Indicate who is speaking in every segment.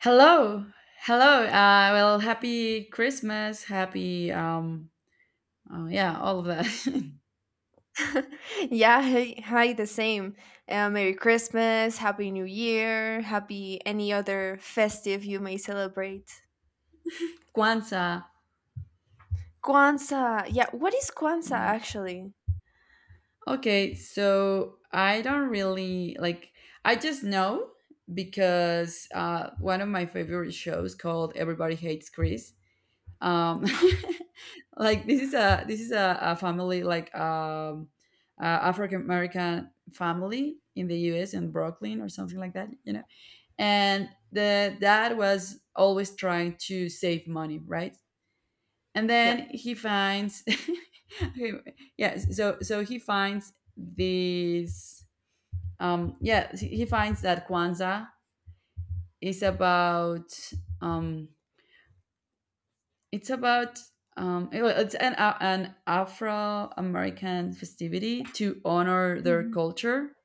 Speaker 1: Hello, hello. Happy Christmas, happy oh, yeah, all of that.
Speaker 2: Yeah, hi, hi, the same. Merry Christmas, Happy New Year, Happy any other festive you may celebrate.
Speaker 1: Kwanzaa.
Speaker 2: Kwanzaa, yeah. What is Kwanzaa
Speaker 1: Yeah.
Speaker 2: actually?
Speaker 1: Okay, so I don't really like. I just know because one of my favorite shows called Everybody Hates Chris. Um, like this is a family like uh, African American family in the U.S. in Brooklyn or something like that. You know, and the dad was always trying to save money, right? And
Speaker 2: Yeah.
Speaker 1: then he finds okay, so he finds this yeah he finds that kwanzaa is about um it's it's an afro-american festivity to honor their
Speaker 2: Mhm.
Speaker 1: culture,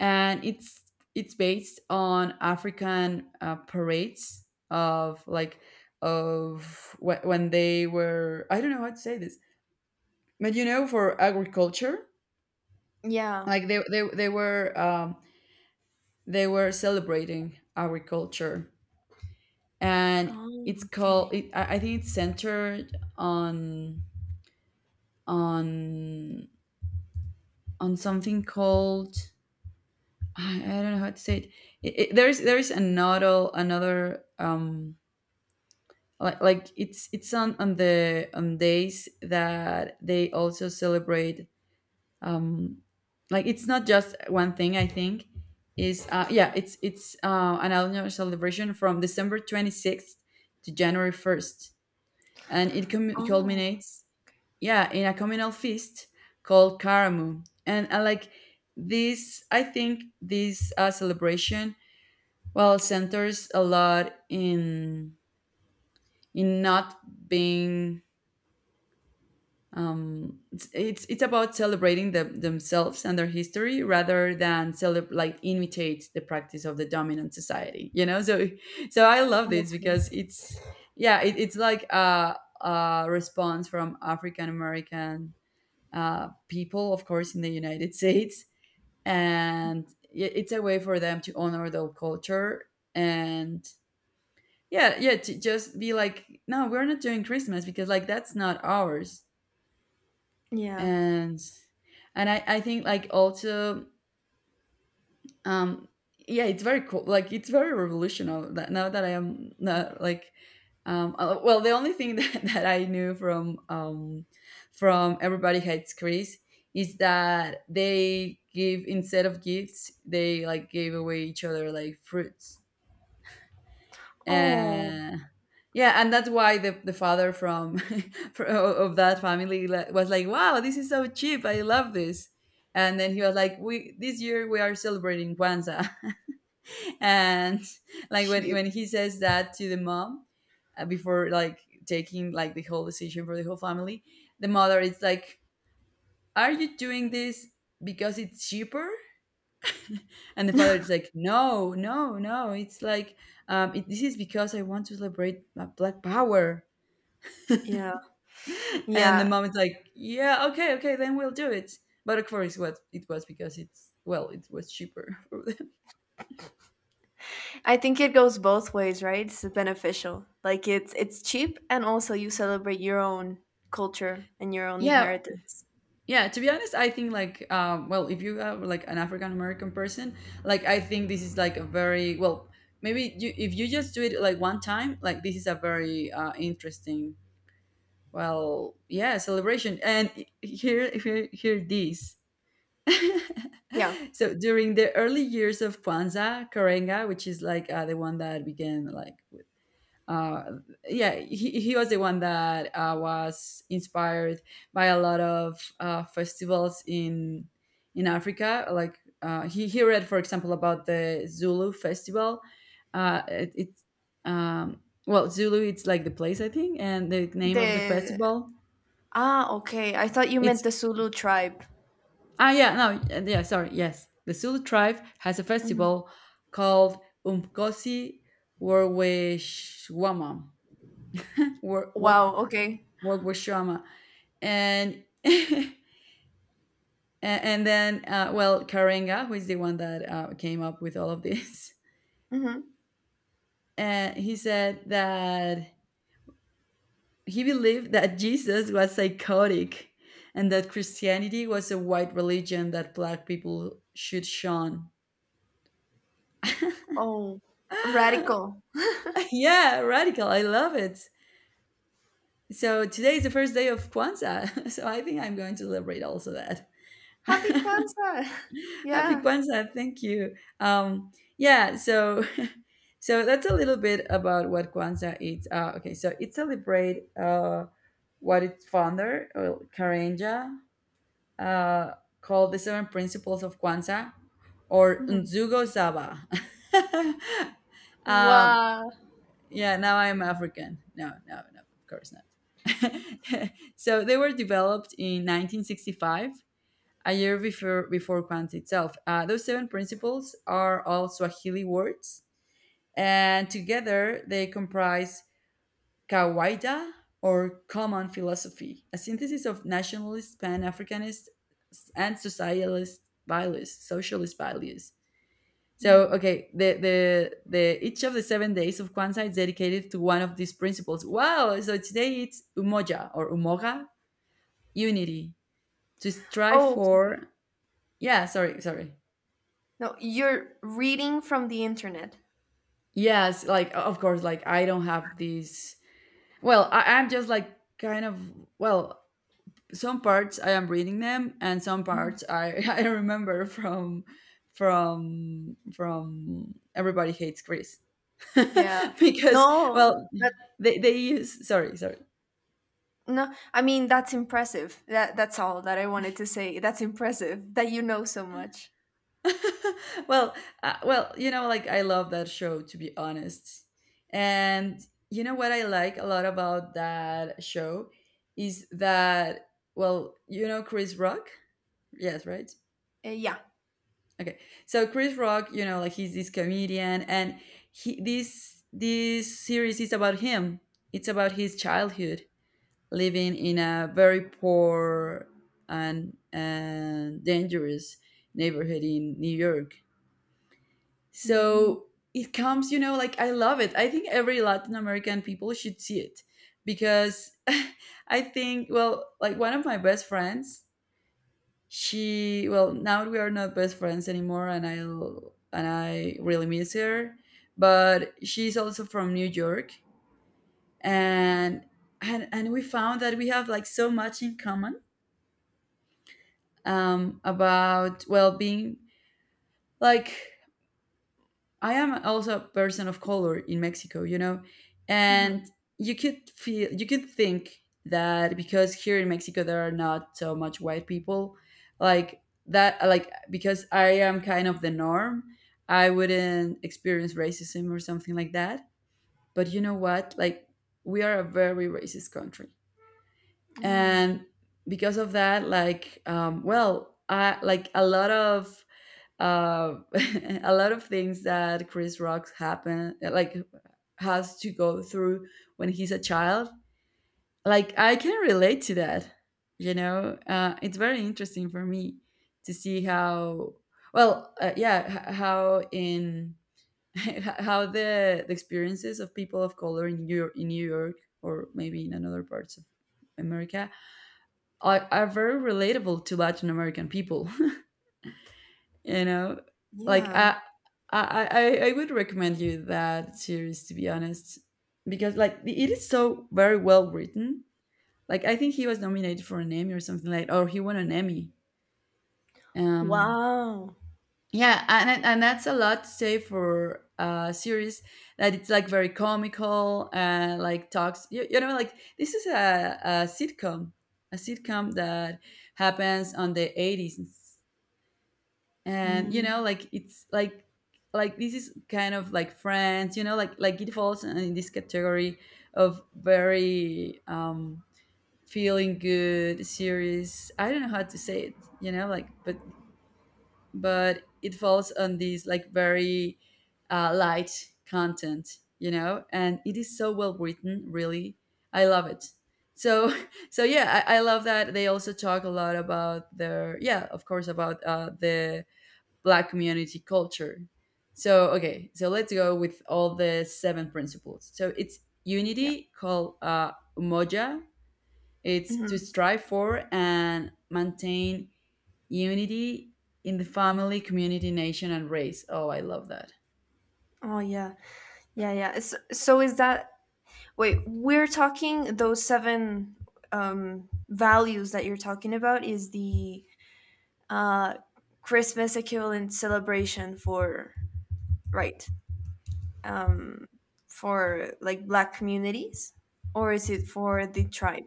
Speaker 1: and it's based on African parades, of like of wh- when they were, I don't know how to say this, but you know, for agriculture,
Speaker 2: Yeah.
Speaker 1: like they were celebrating agriculture. And
Speaker 2: Oh,
Speaker 1: it's
Speaker 2: okay.
Speaker 1: called it, I think it's centered on on something called, I don't know how to say it. There's another. Like it's on the on days that they also celebrate um like it's not just one thing, I think is yeah it's an annual celebration from december 26 to january 1, and it
Speaker 2: Oh,
Speaker 1: culminates yeah in a communal feast called karamu. And I like this I think this celebration well centers a lot in not being. It's about celebrating themselves and their history rather than imitate the practice of the dominant society, you know. So I love this
Speaker 2: okay.
Speaker 1: because it's like a response from african american people, of course, in the united states. And it's a way for them to honor their culture, and yeah, to just be like, no, we're not doing christmas because like that's not ours.
Speaker 2: Yeah.
Speaker 1: And I think, like, also um yeah, it's very cool, like it's very revolutionary. That now that I am not like well, the only thing that that I knew from everybody hates chris is that they, give instead of gifts, they like gave away each other like fruits.
Speaker 2: Oh,
Speaker 1: uh, yeah, and that's why the father from of that family was like, wow, this is so cheap, I love this. And then he was like, we, this year we are celebrating kwanzaa. And like when,
Speaker 2: cheap.
Speaker 1: when he says that to the mom, before like taking like the whole decision for the whole family, the mother is like, are you doing this because it's cheaper? And the father is like, no, no, no, it's like, this is because I want to celebrate black power.
Speaker 2: Yeah.
Speaker 1: And the
Speaker 2: Yeah.
Speaker 1: mom is like, yeah, okay, okay, then we'll do it. But, of course, what it was, because it's, well, it was cheaper for them.
Speaker 2: I think it goes both ways, right? It's beneficial. Like it's cheap, and also you celebrate your own culture and your own
Speaker 1: Yeah,
Speaker 2: inheritance.
Speaker 1: yeah. To be honest, I think well, if you are like an African American person, like I think this is like a very, well, maybe, you, if you just do it like one time, like this is a very interesting, well, yeah, celebration. And here, this.
Speaker 2: Yeah.
Speaker 1: So during the early years of Kwanzaa, Karenga, which is the one that began like uh, yeah, he was the one that was inspired by a lot of festivals in Africa. Like he read, for example, about the Zulu festival. It, it's Well, Zulu, it's like the place, I think, and the name of the
Speaker 2: The
Speaker 1: festival.
Speaker 2: Ah, okay. I thought you meant
Speaker 1: It's
Speaker 2: the Zulu tribe.
Speaker 1: ah yeah no yeah Sorry, yes, the Zulu tribe has a
Speaker 2: Mhm.
Speaker 1: festival called Umkosi Warweshwama War Wok.
Speaker 2: Wow, okay.
Speaker 1: And and then well, karenga, who is the one that came up with all of this,
Speaker 2: Hmm.
Speaker 1: and he said that he believed that jesus was psychotic, and that christianity was a white religion that black people should shun.
Speaker 2: Oh, radical.
Speaker 1: Yeah, radical, I love it. So today is the first day of kwanzaa, so I think I'm going to celebrate also that.
Speaker 2: Happy Kwanzaa.
Speaker 1: Happy
Speaker 2: Yeah.
Speaker 1: Kwanzaa, thank you. Yeah, so so that's a little bit about what Kwanzaa is. Okay, so it celebrate what its founder, Karanja, uh, called the Seven Principles of Kwanzaa, or
Speaker 2: Mhm.
Speaker 1: Nzugo Saba. um,
Speaker 2: Wow.
Speaker 1: yeah, now I'm African. No, no, no, of course not. So they were developed in 1965, a year before Kwanzaa itself. Those seven principles are all Swahili words, and together they comprise kawaida, or common philosophy, a synthesis of nationalist, pan-Africanist, and socialist values, socialist values. So,
Speaker 2: Mm.
Speaker 1: okay, the each of the 7 days of Kwanzaa is dedicated to one of these principles. Wow! So today it's umoja, or umoga, unity, to strive
Speaker 2: Oh, okay.
Speaker 1: for. Yeah, sorry, sorry.
Speaker 2: No, you're reading from the internet.
Speaker 1: Yes, like, of course, like I don't have these, well, I'm just like kind of, well, some parts I am reading them and some
Speaker 2: Mhm.
Speaker 1: parts I I remember from everybody hates chris.
Speaker 2: Yeah.
Speaker 1: Because
Speaker 2: No,
Speaker 1: well
Speaker 2: that
Speaker 1: they use, sorry, sorry.
Speaker 2: no. I mean, that's impressive. That that's all that I wanted to say. That's impressive that you know so much.
Speaker 1: Well, well, you know, like I love that show, to be honest. And you know what I like a lot about that show is that, well, you know Chris Rock? Yes, right?
Speaker 2: Yeah.
Speaker 1: Okay. So Chris Rock, you know, like he's this comedian, and he, this series is about him. It's about his childhood living in a very poor and dangerous neighborhood in New York.
Speaker 2: Mm-hmm.
Speaker 1: So it comes, you know, like I love it. I think every Latin American people should see it because I think, well, like one of my best friends, she, well, now we are not best friends anymore, and I really miss her. But she's also from New York, and we found that we have like so much in common, about, well, being like, I am also a person of color in Mexico, you know,
Speaker 2: Mm-hmm.
Speaker 1: and you could feel, you could think that because here in Mexico there are not so much white people, like that, like because I am kind of the norm, I wouldn't experience racism or something like that. But you know what? Like, we are a very racist country, and because of that, like, well, I like a lot of uh, a lot of things that Chris Rock happen, like has to go through when he's a child. Like, I can relate to that. You know, it's very interesting for me to see how, well, how in how the experiences of people of color in New York, in New York, or maybe in another parts of America are very relatable to Latin American people. You know, like
Speaker 2: Yeah.
Speaker 1: I would recommend you that series, to be honest, because like it is so very well written. Like, I think he was nominated for an Emmy or something like, or he won an Emmy. Um,
Speaker 2: Wow.
Speaker 1: yeah, and that's a lot to say for a series that it's like very comical and like talks. You know, like this is a sitcom, a sitcom that happens on the 80s. And you know
Speaker 2: Mm.
Speaker 1: like it's like this is kind of like friends, you know, like, it falls in this category of very feeling good series, I don't know how to say it, you know, like. But it falls on these like very light content, you know, and it is so well written, really. I love it. So so yeah, I love that they also talk a lot about their, yeah, of course, about the black community culture. So okay, so let's go with all the seven principles. So it's
Speaker 2: Yeah.
Speaker 1: unity, called umoja. It's to
Speaker 2: Mm-hmm.
Speaker 1: strive for and maintain unity in the family, community, nation and race. Oh, I love that.
Speaker 2: Oh yeah, yeah, yeah. So is that wait? We're talking those seven values that you're talking about is the uh, Christmas equivalent celebration for, right, um, for like Black communities, or is it for the tribe?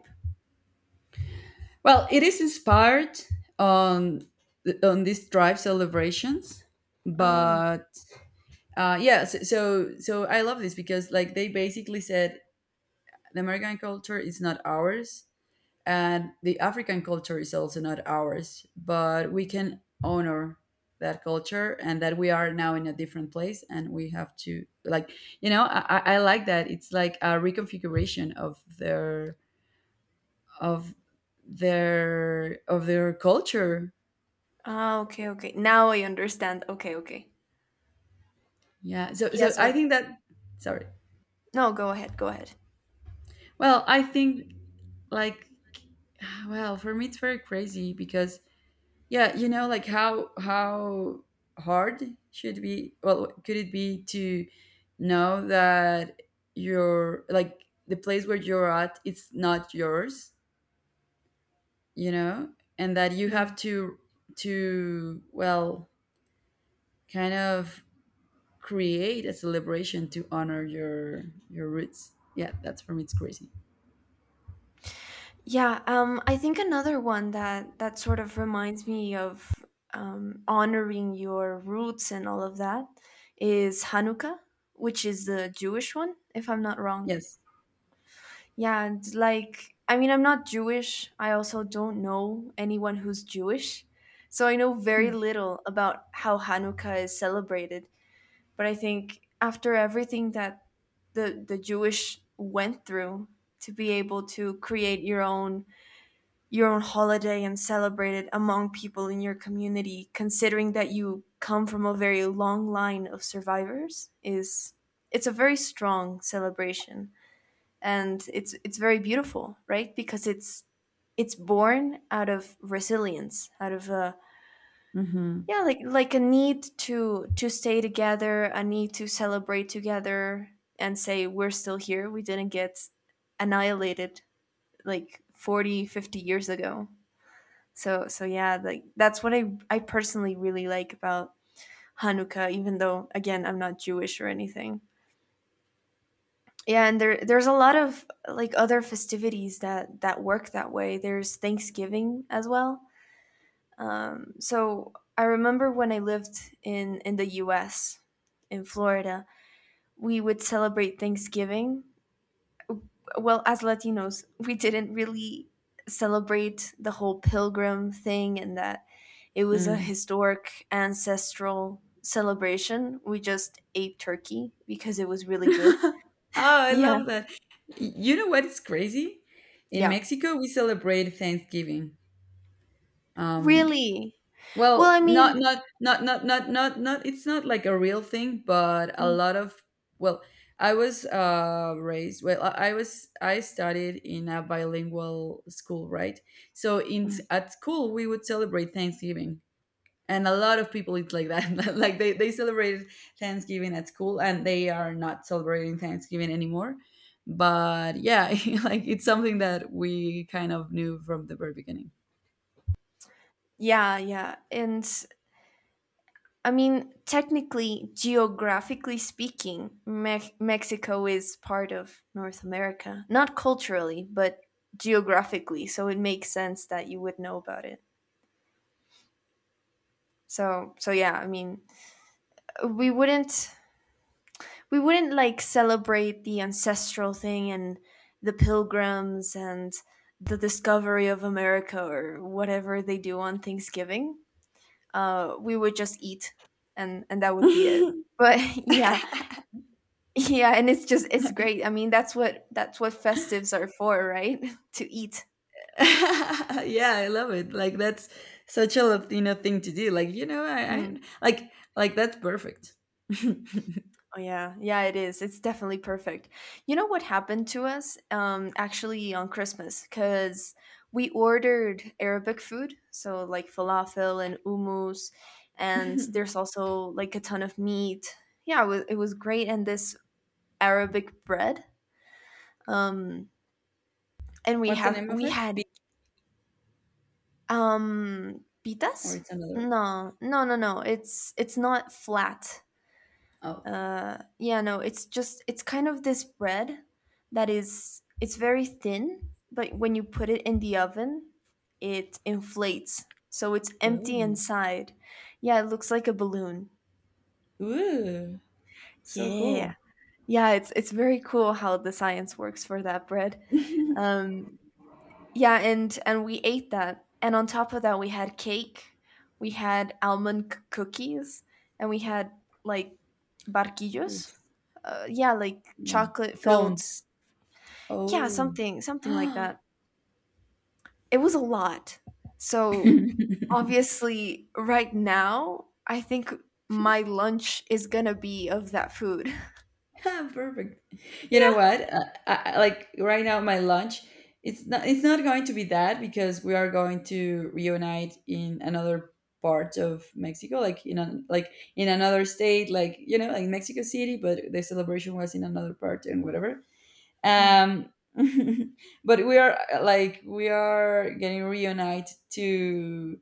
Speaker 1: Well, it is inspired on on these tribe celebrations.
Speaker 2: Ah,
Speaker 1: But so I love this because, like, they basically said the american culture is not ours. And the African culture is also not ours, but we can honor that culture and that we are now in a different place and we have to, like, you know, I I like that it's like a reconfiguration of their of their of their culture.
Speaker 2: ah, okay, okay. Now I understand. Okay, okay.
Speaker 1: Yeah, so
Speaker 2: Yeah.
Speaker 1: so I
Speaker 2: So
Speaker 1: think that, sorry.
Speaker 2: no, go ahead, go ahead.
Speaker 1: Well, I think, like, well, for me it's very crazy because, yeah, you know, like how hard should be, well, could it be to know that your, like, the place where you're at, it's not yours, you know, and that you
Speaker 2: Yeah.
Speaker 1: have to, well, kind of create a celebration to honor your roots. Yeah, that's, for me it's crazy.
Speaker 2: Yeah, I think another one that that sort of reminds me of honoring your roots and all of that is Hanukkah, which is the Jewish one, if I'm not wrong.
Speaker 1: Yes.
Speaker 2: Yeah, and like I mean, I'm not Jewish. I also don't know anyone who's Jewish, so I know very little about how Hanukkah is celebrated. But I think after everything that the Jewish went through to be able to create your own holiday and celebrate it among people in your community, considering that you come from a very long line of survivors, is it's a very strong celebration, and it's very beautiful, right? Because it's born out of resilience, out of a,
Speaker 1: Mm-hmm.
Speaker 2: yeah, like a need to stay together, a need to celebrate together and say we're still here. We didn't get annihilated like 40, 50 years ago, so yeah, like that's what I personally really like about Hanukkah, even though again I'm not Jewish or anything. Yeah, and there's a lot of like other festivities that that work that way. There's Thanksgiving as well. So I remember when I lived in the U.S. in Florida. We would celebrate Thanksgiving. Well, as latinos we didn't really celebrate the whole pilgrim thing and that it was a
Speaker 1: Mm.
Speaker 2: historic ancestral celebration, we just ate turkey because it was really good.
Speaker 1: Oh, I
Speaker 2: Yeah,
Speaker 1: love that. You know what is crazy? In
Speaker 2: yeah.
Speaker 1: Mexico, we celebrate Thanksgiving. Um,
Speaker 2: Really. Well, I
Speaker 1: well, not
Speaker 2: mean,
Speaker 1: not not not not not not. It's not like a real thing, but a
Speaker 2: mm,
Speaker 1: lot of. Well, I was raised. Well, I studied in a bilingual school, right? So in
Speaker 2: mm,
Speaker 1: at school, we would celebrate Thanksgiving, and a lot of people eat like that like they celebrated Thanksgiving at school and they are not celebrating Thanksgiving anymore, but yeah. Like it's something that we kind of knew from the very beginning.
Speaker 2: yeah, yeah. And I mean, technically, geographically speaking, Mexico is part of North America. Not culturally, but geographically. So it makes sense that you would know about it. So, yeah, I mean, we wouldn't we wouldn't like celebrate the ancestral thing and the pilgrims and the discovery of America or whatever they do on Thanksgiving. We would just eat, and that would be
Speaker 1: Yeah,
Speaker 2: it. But yeah. Yeah, and it's just, it's great. I mean, that's what festives are for, right? To eat.
Speaker 1: I love it. Like that's such a Latino thing to do. Like I
Speaker 2: Hmm.
Speaker 1: like that's perfect.
Speaker 2: Oh yeah, yeah, it is. It's definitely perfect. You know what happened to us actually on Christmas? Because we ordered Arabic food, so like falafel and hummus, and there's also like a ton of meat. Yeah, it was great, and this Arabic bread. Um and we
Speaker 1: What's the
Speaker 2: have
Speaker 1: name of
Speaker 2: we
Speaker 1: it,
Speaker 2: had
Speaker 1: Beat? Or
Speaker 2: Pitas?
Speaker 1: it's another.
Speaker 2: No, no, no, no. It's not flat.
Speaker 1: Oh.
Speaker 2: Yeah, no. It's just, it's kind of this bread that is it's very thin, but when you put it in the oven, it inflates. So it's empty
Speaker 1: Ooh.
Speaker 2: inside. Yeah, it looks like a balloon.
Speaker 1: Ooh. So
Speaker 2: Yeah.
Speaker 1: cool.
Speaker 2: Yeah, it's very cool how the science works for that bread. Um, Yeah, and we ate that. And on top of that, we had cake, we had almond cookies, and we had like barquillos. Yeah, like
Speaker 1: Yeah,
Speaker 2: chocolate filled.
Speaker 1: cones.
Speaker 2: Yeah,
Speaker 1: Oh.
Speaker 2: something like that. It was a lot. So obviously, right now, I think my lunch is gonna be of that food.
Speaker 1: Perfect. You know
Speaker 2: Yeah.
Speaker 1: what? Like right now, my lunch, it's not going to be that because we are going to reunite in another part of Mexico, like in another state, like like Mexico City, but the celebration was in another part and whatever.
Speaker 2: Mm.
Speaker 1: um but we are getting reunited to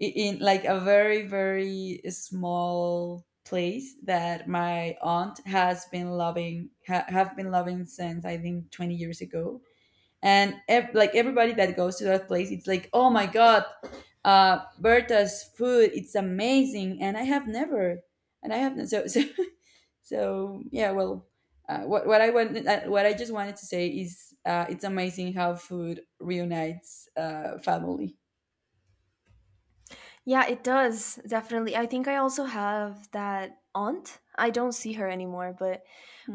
Speaker 1: in like a very very small place that my aunt has been loving ha- have been loving since I think 20 years ago, and like everybody that goes to that place, it's like, oh my god, Berta's food, it's amazing, and I have never and I have so So yeah, well, what I want what I just wanted to say is, it's amazing how food reunites, family.
Speaker 2: Yeah, it does, definitely. I think I also have that aunt. I don't see her anymore, but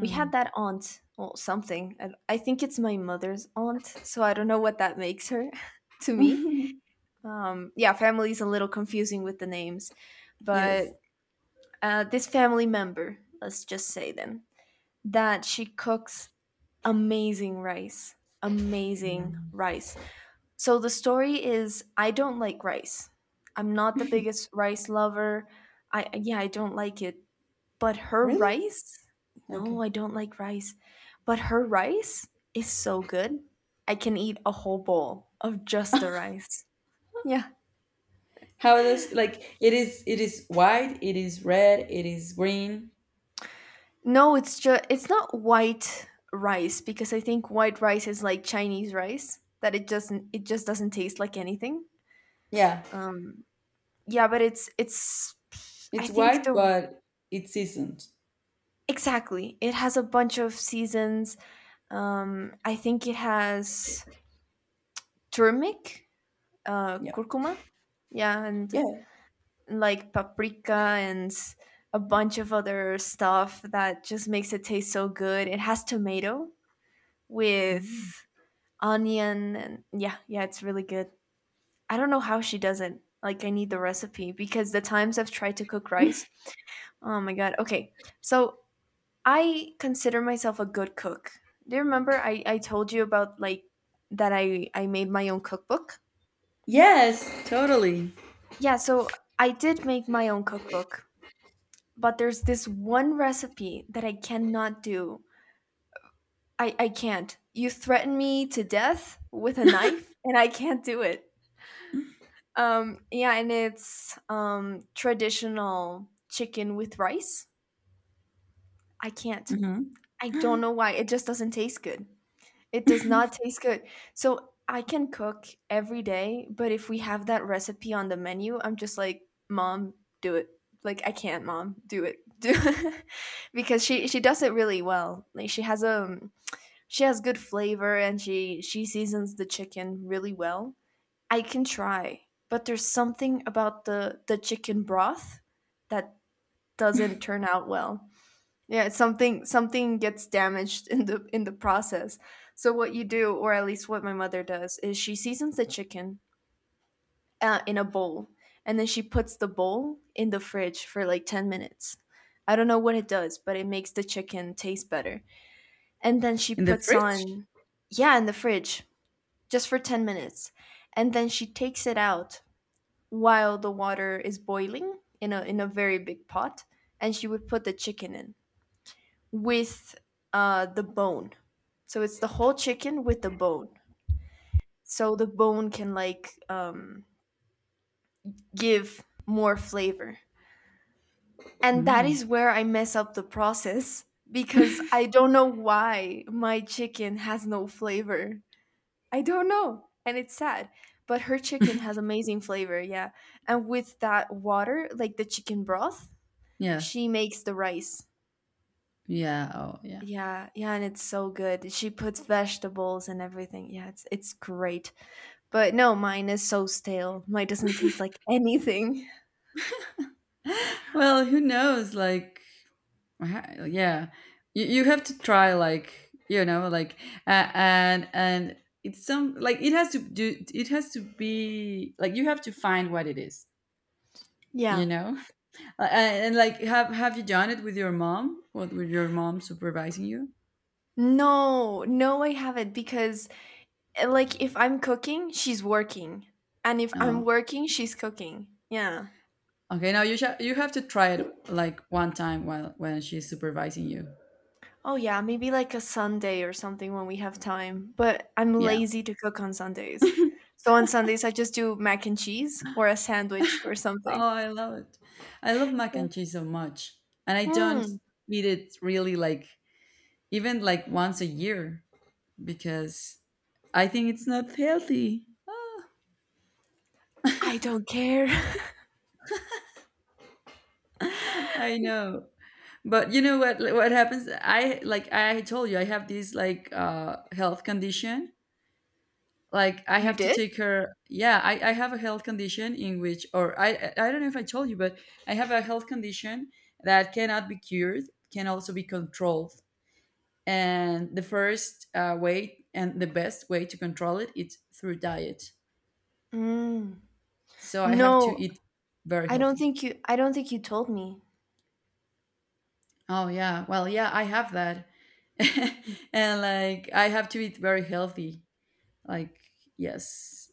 Speaker 2: we had that aunt, well, something. I think it's my mother's aunt, so I don't know what that makes her to me. Yeah, family's a little confusing with the names,
Speaker 1: Yes.
Speaker 2: but this family member, let's just say them, that she cooks amazing rice, amazing rice. So the story is I don't like rice. I'm not the biggest rice lover. I yeah, I don't like it. But her
Speaker 1: Really?
Speaker 2: rice?
Speaker 1: Okay.
Speaker 2: No, I don't like rice. But her rice is so good. I can eat a whole bowl of just the rice. Yeah.
Speaker 1: How does, like, it is white, it is red, it is green?
Speaker 2: No, it's just, it's not white rice because I think white rice is like Chinese rice that it just doesn't taste like anything.
Speaker 1: Yeah,
Speaker 2: Um yeah, but it's, I
Speaker 1: it's
Speaker 2: think
Speaker 1: white,
Speaker 2: the
Speaker 1: but it's seasoned.
Speaker 2: exactly. It has a bunch of seasons. I think it has turmeric,
Speaker 1: Yep.
Speaker 2: curcuma, yeah, and
Speaker 1: Yeah.
Speaker 2: like paprika and a bunch of other stuff that just makes it taste so good. It has tomato
Speaker 1: Mm.
Speaker 2: with onion, and yeah, yeah, it's really good. I don't know how she does it. Like, I need the recipe because the times I've tried to cook rice, oh my god. Okay, so I consider myself a good cook. Do you remember I told you about like that I made my own cookbook?
Speaker 1: Yes, totally.
Speaker 2: Yeah, so I did make my own cookbook, but there's this one recipe that I cannot do. I can't. You threaten me to death with a knife and I can't do it. Yeah, and it's traditional chicken with rice. I can't.
Speaker 1: Hmm.
Speaker 2: I don't know why. It just doesn't taste good. It does not taste good. So I can cook every day, but if we have that recipe on the menu, I'm just like, "Mom, do it." Like, "I can't, Mom. Do it." Do it." Because she does it really well. Like she has good flavor, and she seasons the chicken really well. I can try, but there's something about the chicken broth that doesn't turn out well. Yeah, it's something something gets damaged in the process. So what you do, or at least what my mother does, is she seasons the chicken in a bowl, and then she puts the bowl in the fridge for like 10 minutes. I don't know what it does, but it makes the chicken taste better. And then she
Speaker 1: In the
Speaker 2: puts
Speaker 1: fridge?
Speaker 2: on, yeah, in the fridge just for 10 minutes, and then she takes it out while the water is boiling in a very big pot, and she would put the chicken in with the bone. So it's the whole chicken with the bone. So the bone can like give more flavor. And that
Speaker 1: Mm.
Speaker 2: is where I mess up the process because I don't know why my chicken has no flavor. I don't know, and it's sad. But her chicken has amazing flavor, yeah. And with that water, like the chicken broth,
Speaker 1: Yeah.
Speaker 2: she makes the rice.
Speaker 1: Yeah. Oh, yeah.
Speaker 2: Yeah, yeah, and it's so good. She puts vegetables and everything. Yeah, it's great. But no, mine is so stale. Mine doesn't taste like anything.
Speaker 1: Well, who knows? Like, uh-huh, yeah, you have to try, like like, and it's some, like, it has to be like you have to find what it is you
Speaker 2: Yeah.
Speaker 1: know and like have you done it with your mom what with your mom supervising you?
Speaker 2: No, no, I haven't because like if I'm cooking, she's working. And if I'm
Speaker 1: No.
Speaker 2: working, she's cooking. Yeah.
Speaker 1: Okay, now you have to try it like one time while when she's supervising you.
Speaker 2: Oh yeah, maybe like a Sunday or something when we have time. But I'm
Speaker 1: Yeah.
Speaker 2: lazy to cook on Sundays. So on Sundays I just do mac and cheese or a sandwich or something.
Speaker 1: Oh, I love it. I love mac
Speaker 2: Yeah.
Speaker 1: and cheese so much, and I don't
Speaker 2: Hmm.
Speaker 1: eat it really, like, even like once a year because I think it's not healthy.
Speaker 2: I don't care.
Speaker 1: I know. But you know what, like, what happens? I told you, I have this like health condition. Like I
Speaker 2: You
Speaker 1: have to
Speaker 2: did?
Speaker 1: take her yeah, I have a health condition in which or I don't know if I told you, but I have a health condition that cannot be cured, can also be controlled. And the first way and the best way to control it is through diet.
Speaker 2: Mm.
Speaker 1: So I have to
Speaker 2: No,
Speaker 1: eat very
Speaker 2: I don't
Speaker 1: healthy.
Speaker 2: think you I don't think you told me.
Speaker 1: Oh yeah. Well, yeah, I have that. And like I have to eat very healthy. Like, yes.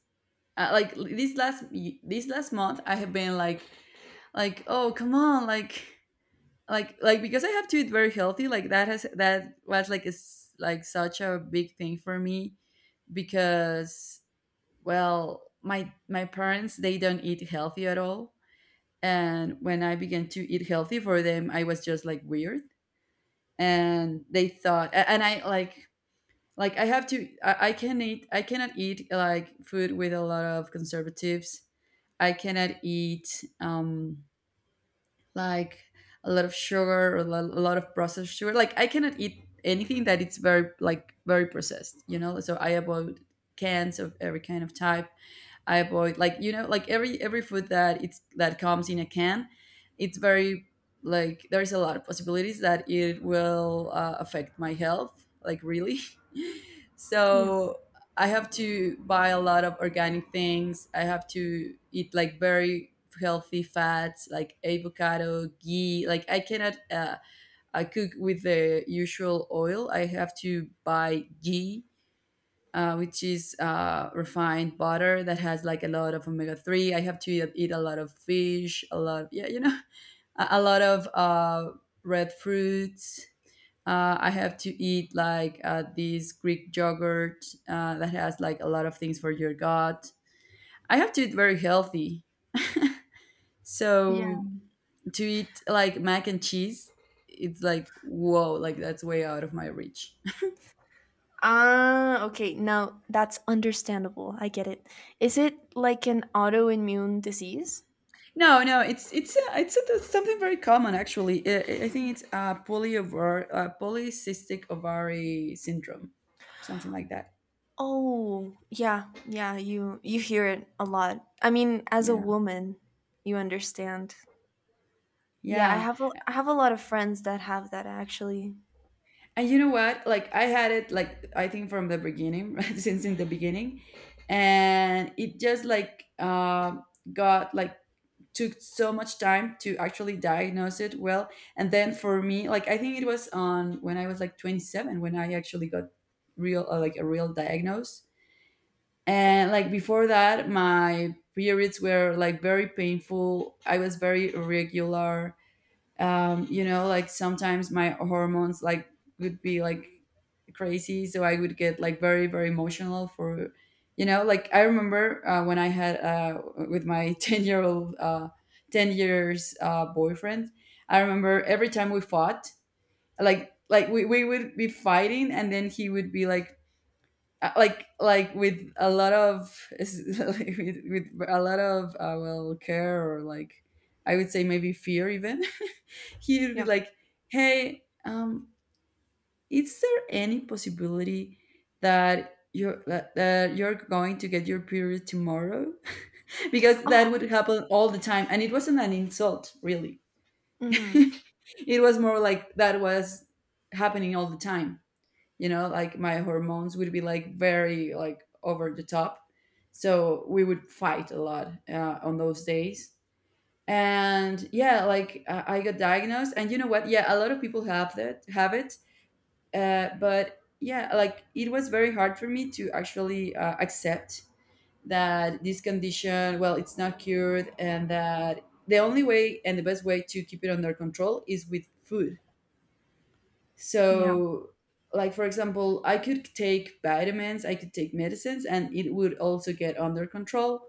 Speaker 1: Like this last month I have been like, oh come on, like, because I have to eat very healthy, like that was, is like such a big thing for me because, well, my parents, they don't eat healthy at all, and when I began to eat healthy, for them I was just like weird, and and I like I have to, I cannot eat like food with a lot of conservatives. I cannot eat, like, a lot of sugar, or a lot of processed sugar. Like I cannot eat anything that it's very, like, very processed, so I avoid cans of every kind of type. I avoid, like like every food that it's that comes in a can. It's very like there's a lot of possibilities that it will, affect my health, like, really.
Speaker 2: Yeah.
Speaker 1: So I have to buy a lot of organic things. I have to eat like very healthy fats like avocado, ghee. Like I cannot I cook with the usual oil. I have to buy ghee, which is, refined butter that has like a lot of omega-3. I have to eat a lot of fish, a lot, yeah, you know, a lot of, red fruits. I have to eat like, this Greek yogurt, that has like a lot of things for your gut. I have to eat very healthy.
Speaker 2: Yeah.
Speaker 1: So to eat like mac and cheese, it's like whoa, like that's way out of my reach.
Speaker 2: Ah, okay. Now that's understandable. I get it. Is it like an autoimmune disease?
Speaker 1: No, no, it's something very common, actually. I think it's, polycystic ovary syndrome, something like that.
Speaker 2: Oh, yeah. Yeah, you hear it a lot. I mean, as a
Speaker 1: Yeah,
Speaker 2: woman, you understand. Yeah,
Speaker 1: yeah.
Speaker 2: I have a lot of friends that have that actually.
Speaker 1: And you know what? Like I had it, like I think, from the beginning, right? Since in the beginning, and it just like, got like took so much time to actually diagnose it well. And then for me, like I think it was on when I was like 27 when I actually got real like a real diagnose, and like before that my periods were like very painful, I was very irregular. You know, like sometimes my hormones, like, would be like crazy, so I would get like very very emotional for, you know, like I remember, when I had with my 10-year-old 10 years boyfriend, I remember every time we fought, we would be fighting, and then he would be like, with a lot of with a lot of, well, care, or like, I would say maybe fear even, he would be
Speaker 2: Yeah.
Speaker 1: like, hey, is there any possibility that you're going to get your period tomorrow? Because that would happen all the time, and it wasn't an insult, really.
Speaker 2: Mhm.
Speaker 1: It was more like that was happening all the time. You know, like my hormones would be like very, like, over the top, so we would fight a lot, on those days. And yeah, like I got diagnosed, and you know what? Yeah, a lot of people have it. But yeah, like it was very hard for me to actually, accept that this condition, well, it's not cured, and that the only way and the best way to keep it under control is with food.
Speaker 2: Yeah.
Speaker 1: So, like for example, I could take vitamins, I could take medicines, and it would also get under control.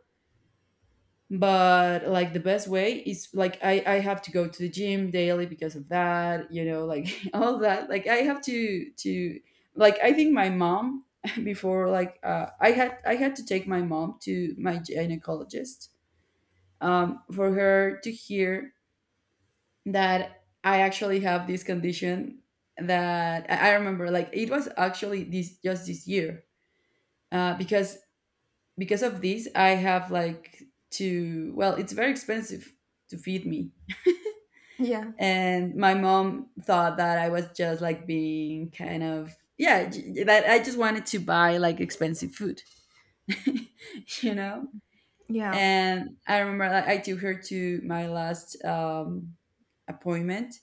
Speaker 1: But like the best way is, like, I have to go to the gym daily because of that, you know, like, all that. Like I have to, like, I think my mom before, like, I had to take my mom to my gynecologist, for her to hear that I actually have this condition, that I remember, like, it was actually this, just this year, uh, because because of this I have like to well, it's very expensive to feed me,
Speaker 2: Yeah.
Speaker 1: and my mom thought that I was just like being kind of, yeah, that I just wanted to buy like expensive food. You know,
Speaker 2: Yeah.
Speaker 1: and I remember, like, I took her to my last, appointment,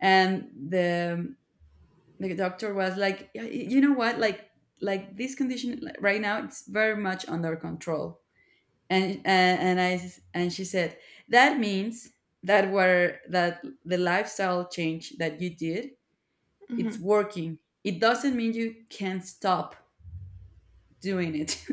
Speaker 1: and the doctor was like, "Yeah, you know what, like this condition, like, right now it's very much under control," and and she said that means that the lifestyle change that you did, it's
Speaker 2: Mhm.
Speaker 1: working. It doesn't mean you can't stop doing it.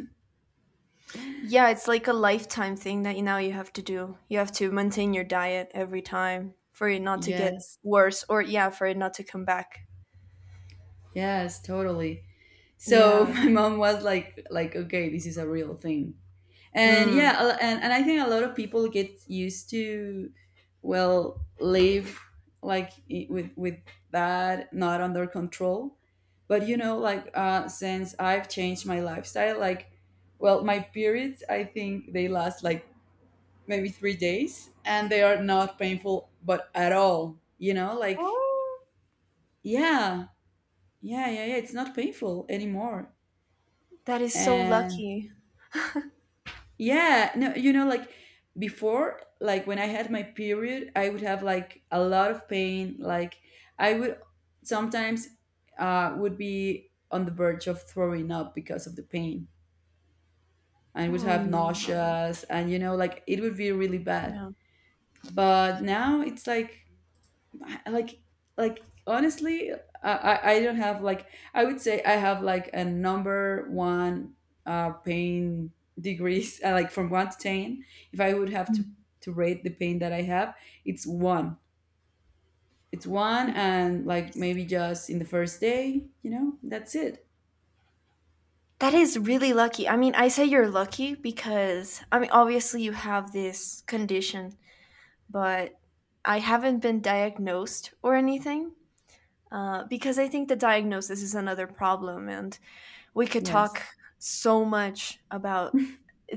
Speaker 2: Yeah, it's like a lifetime thing that you now you have to do. You have to maintain your diet every time for it not to get
Speaker 1: Yes,
Speaker 2: worse, or yeah, for it not to come back.
Speaker 1: yes, totally. So
Speaker 2: Yeah.
Speaker 1: my mom was like, okay, this is a real thing. And
Speaker 2: Mm.
Speaker 1: yeah, and I think a lot of people get used to, well, live like, with that not under control. But you know, like, since I've changed my lifestyle, like, well, my periods, I think they last like maybe 3 days, and they are not painful but at all, you know, like,
Speaker 2: Oh,
Speaker 1: yeah, yeah, yeah. Yeah, it's not painful anymore.
Speaker 2: that is so
Speaker 1: And,
Speaker 2: lucky.
Speaker 1: yeah, no, you know, like before, like when I had my period, I would have like a lot of pain. Like I would sometimes would be on the verge of throwing up because of the pain. I would
Speaker 2: Oh,
Speaker 1: have
Speaker 2: no.
Speaker 1: nauseas, and you know, like it would be really bad.
Speaker 2: No.
Speaker 1: But now it's like, like like honestly, I don't have like, I would say I have like a number one, pain degrees, like from 1 to 10. If I would have to rate the pain that I have, it's one. It's one, and like maybe just in the first day, you know, that's it.
Speaker 2: That is really lucky. I mean, I say you're lucky because I mean, obviously you have this condition, but I haven't been diagnosed or anything. Because I think the diagnosis is another problem, and we could
Speaker 1: Yes.
Speaker 2: talk so much about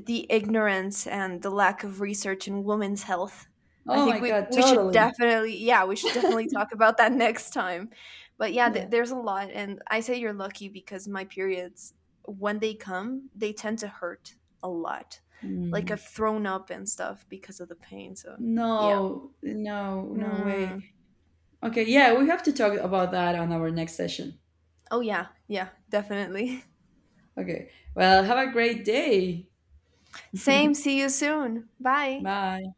Speaker 2: the ignorance and the lack of research in women's health. I
Speaker 1: Oh
Speaker 2: think
Speaker 1: my
Speaker 2: we
Speaker 1: god,
Speaker 2: we should
Speaker 1: totally.
Speaker 2: definitely, yeah, we should definitely talk about that next time. But yeah,
Speaker 1: Yeah.
Speaker 2: there's a lot, and I say you're lucky because my periods, when they come, they tend to hurt a lot. Like
Speaker 1: Mm.
Speaker 2: I've thrown up and stuff because of the pain. So yeah.
Speaker 1: No, no, no way.
Speaker 2: Mm.
Speaker 1: Okay, yeah, we have to talk about that on our next session.
Speaker 2: Oh yeah, yeah, definitely.
Speaker 1: Okay. Well, have a great day.
Speaker 2: Same. See you soon. Bye.
Speaker 1: Bye.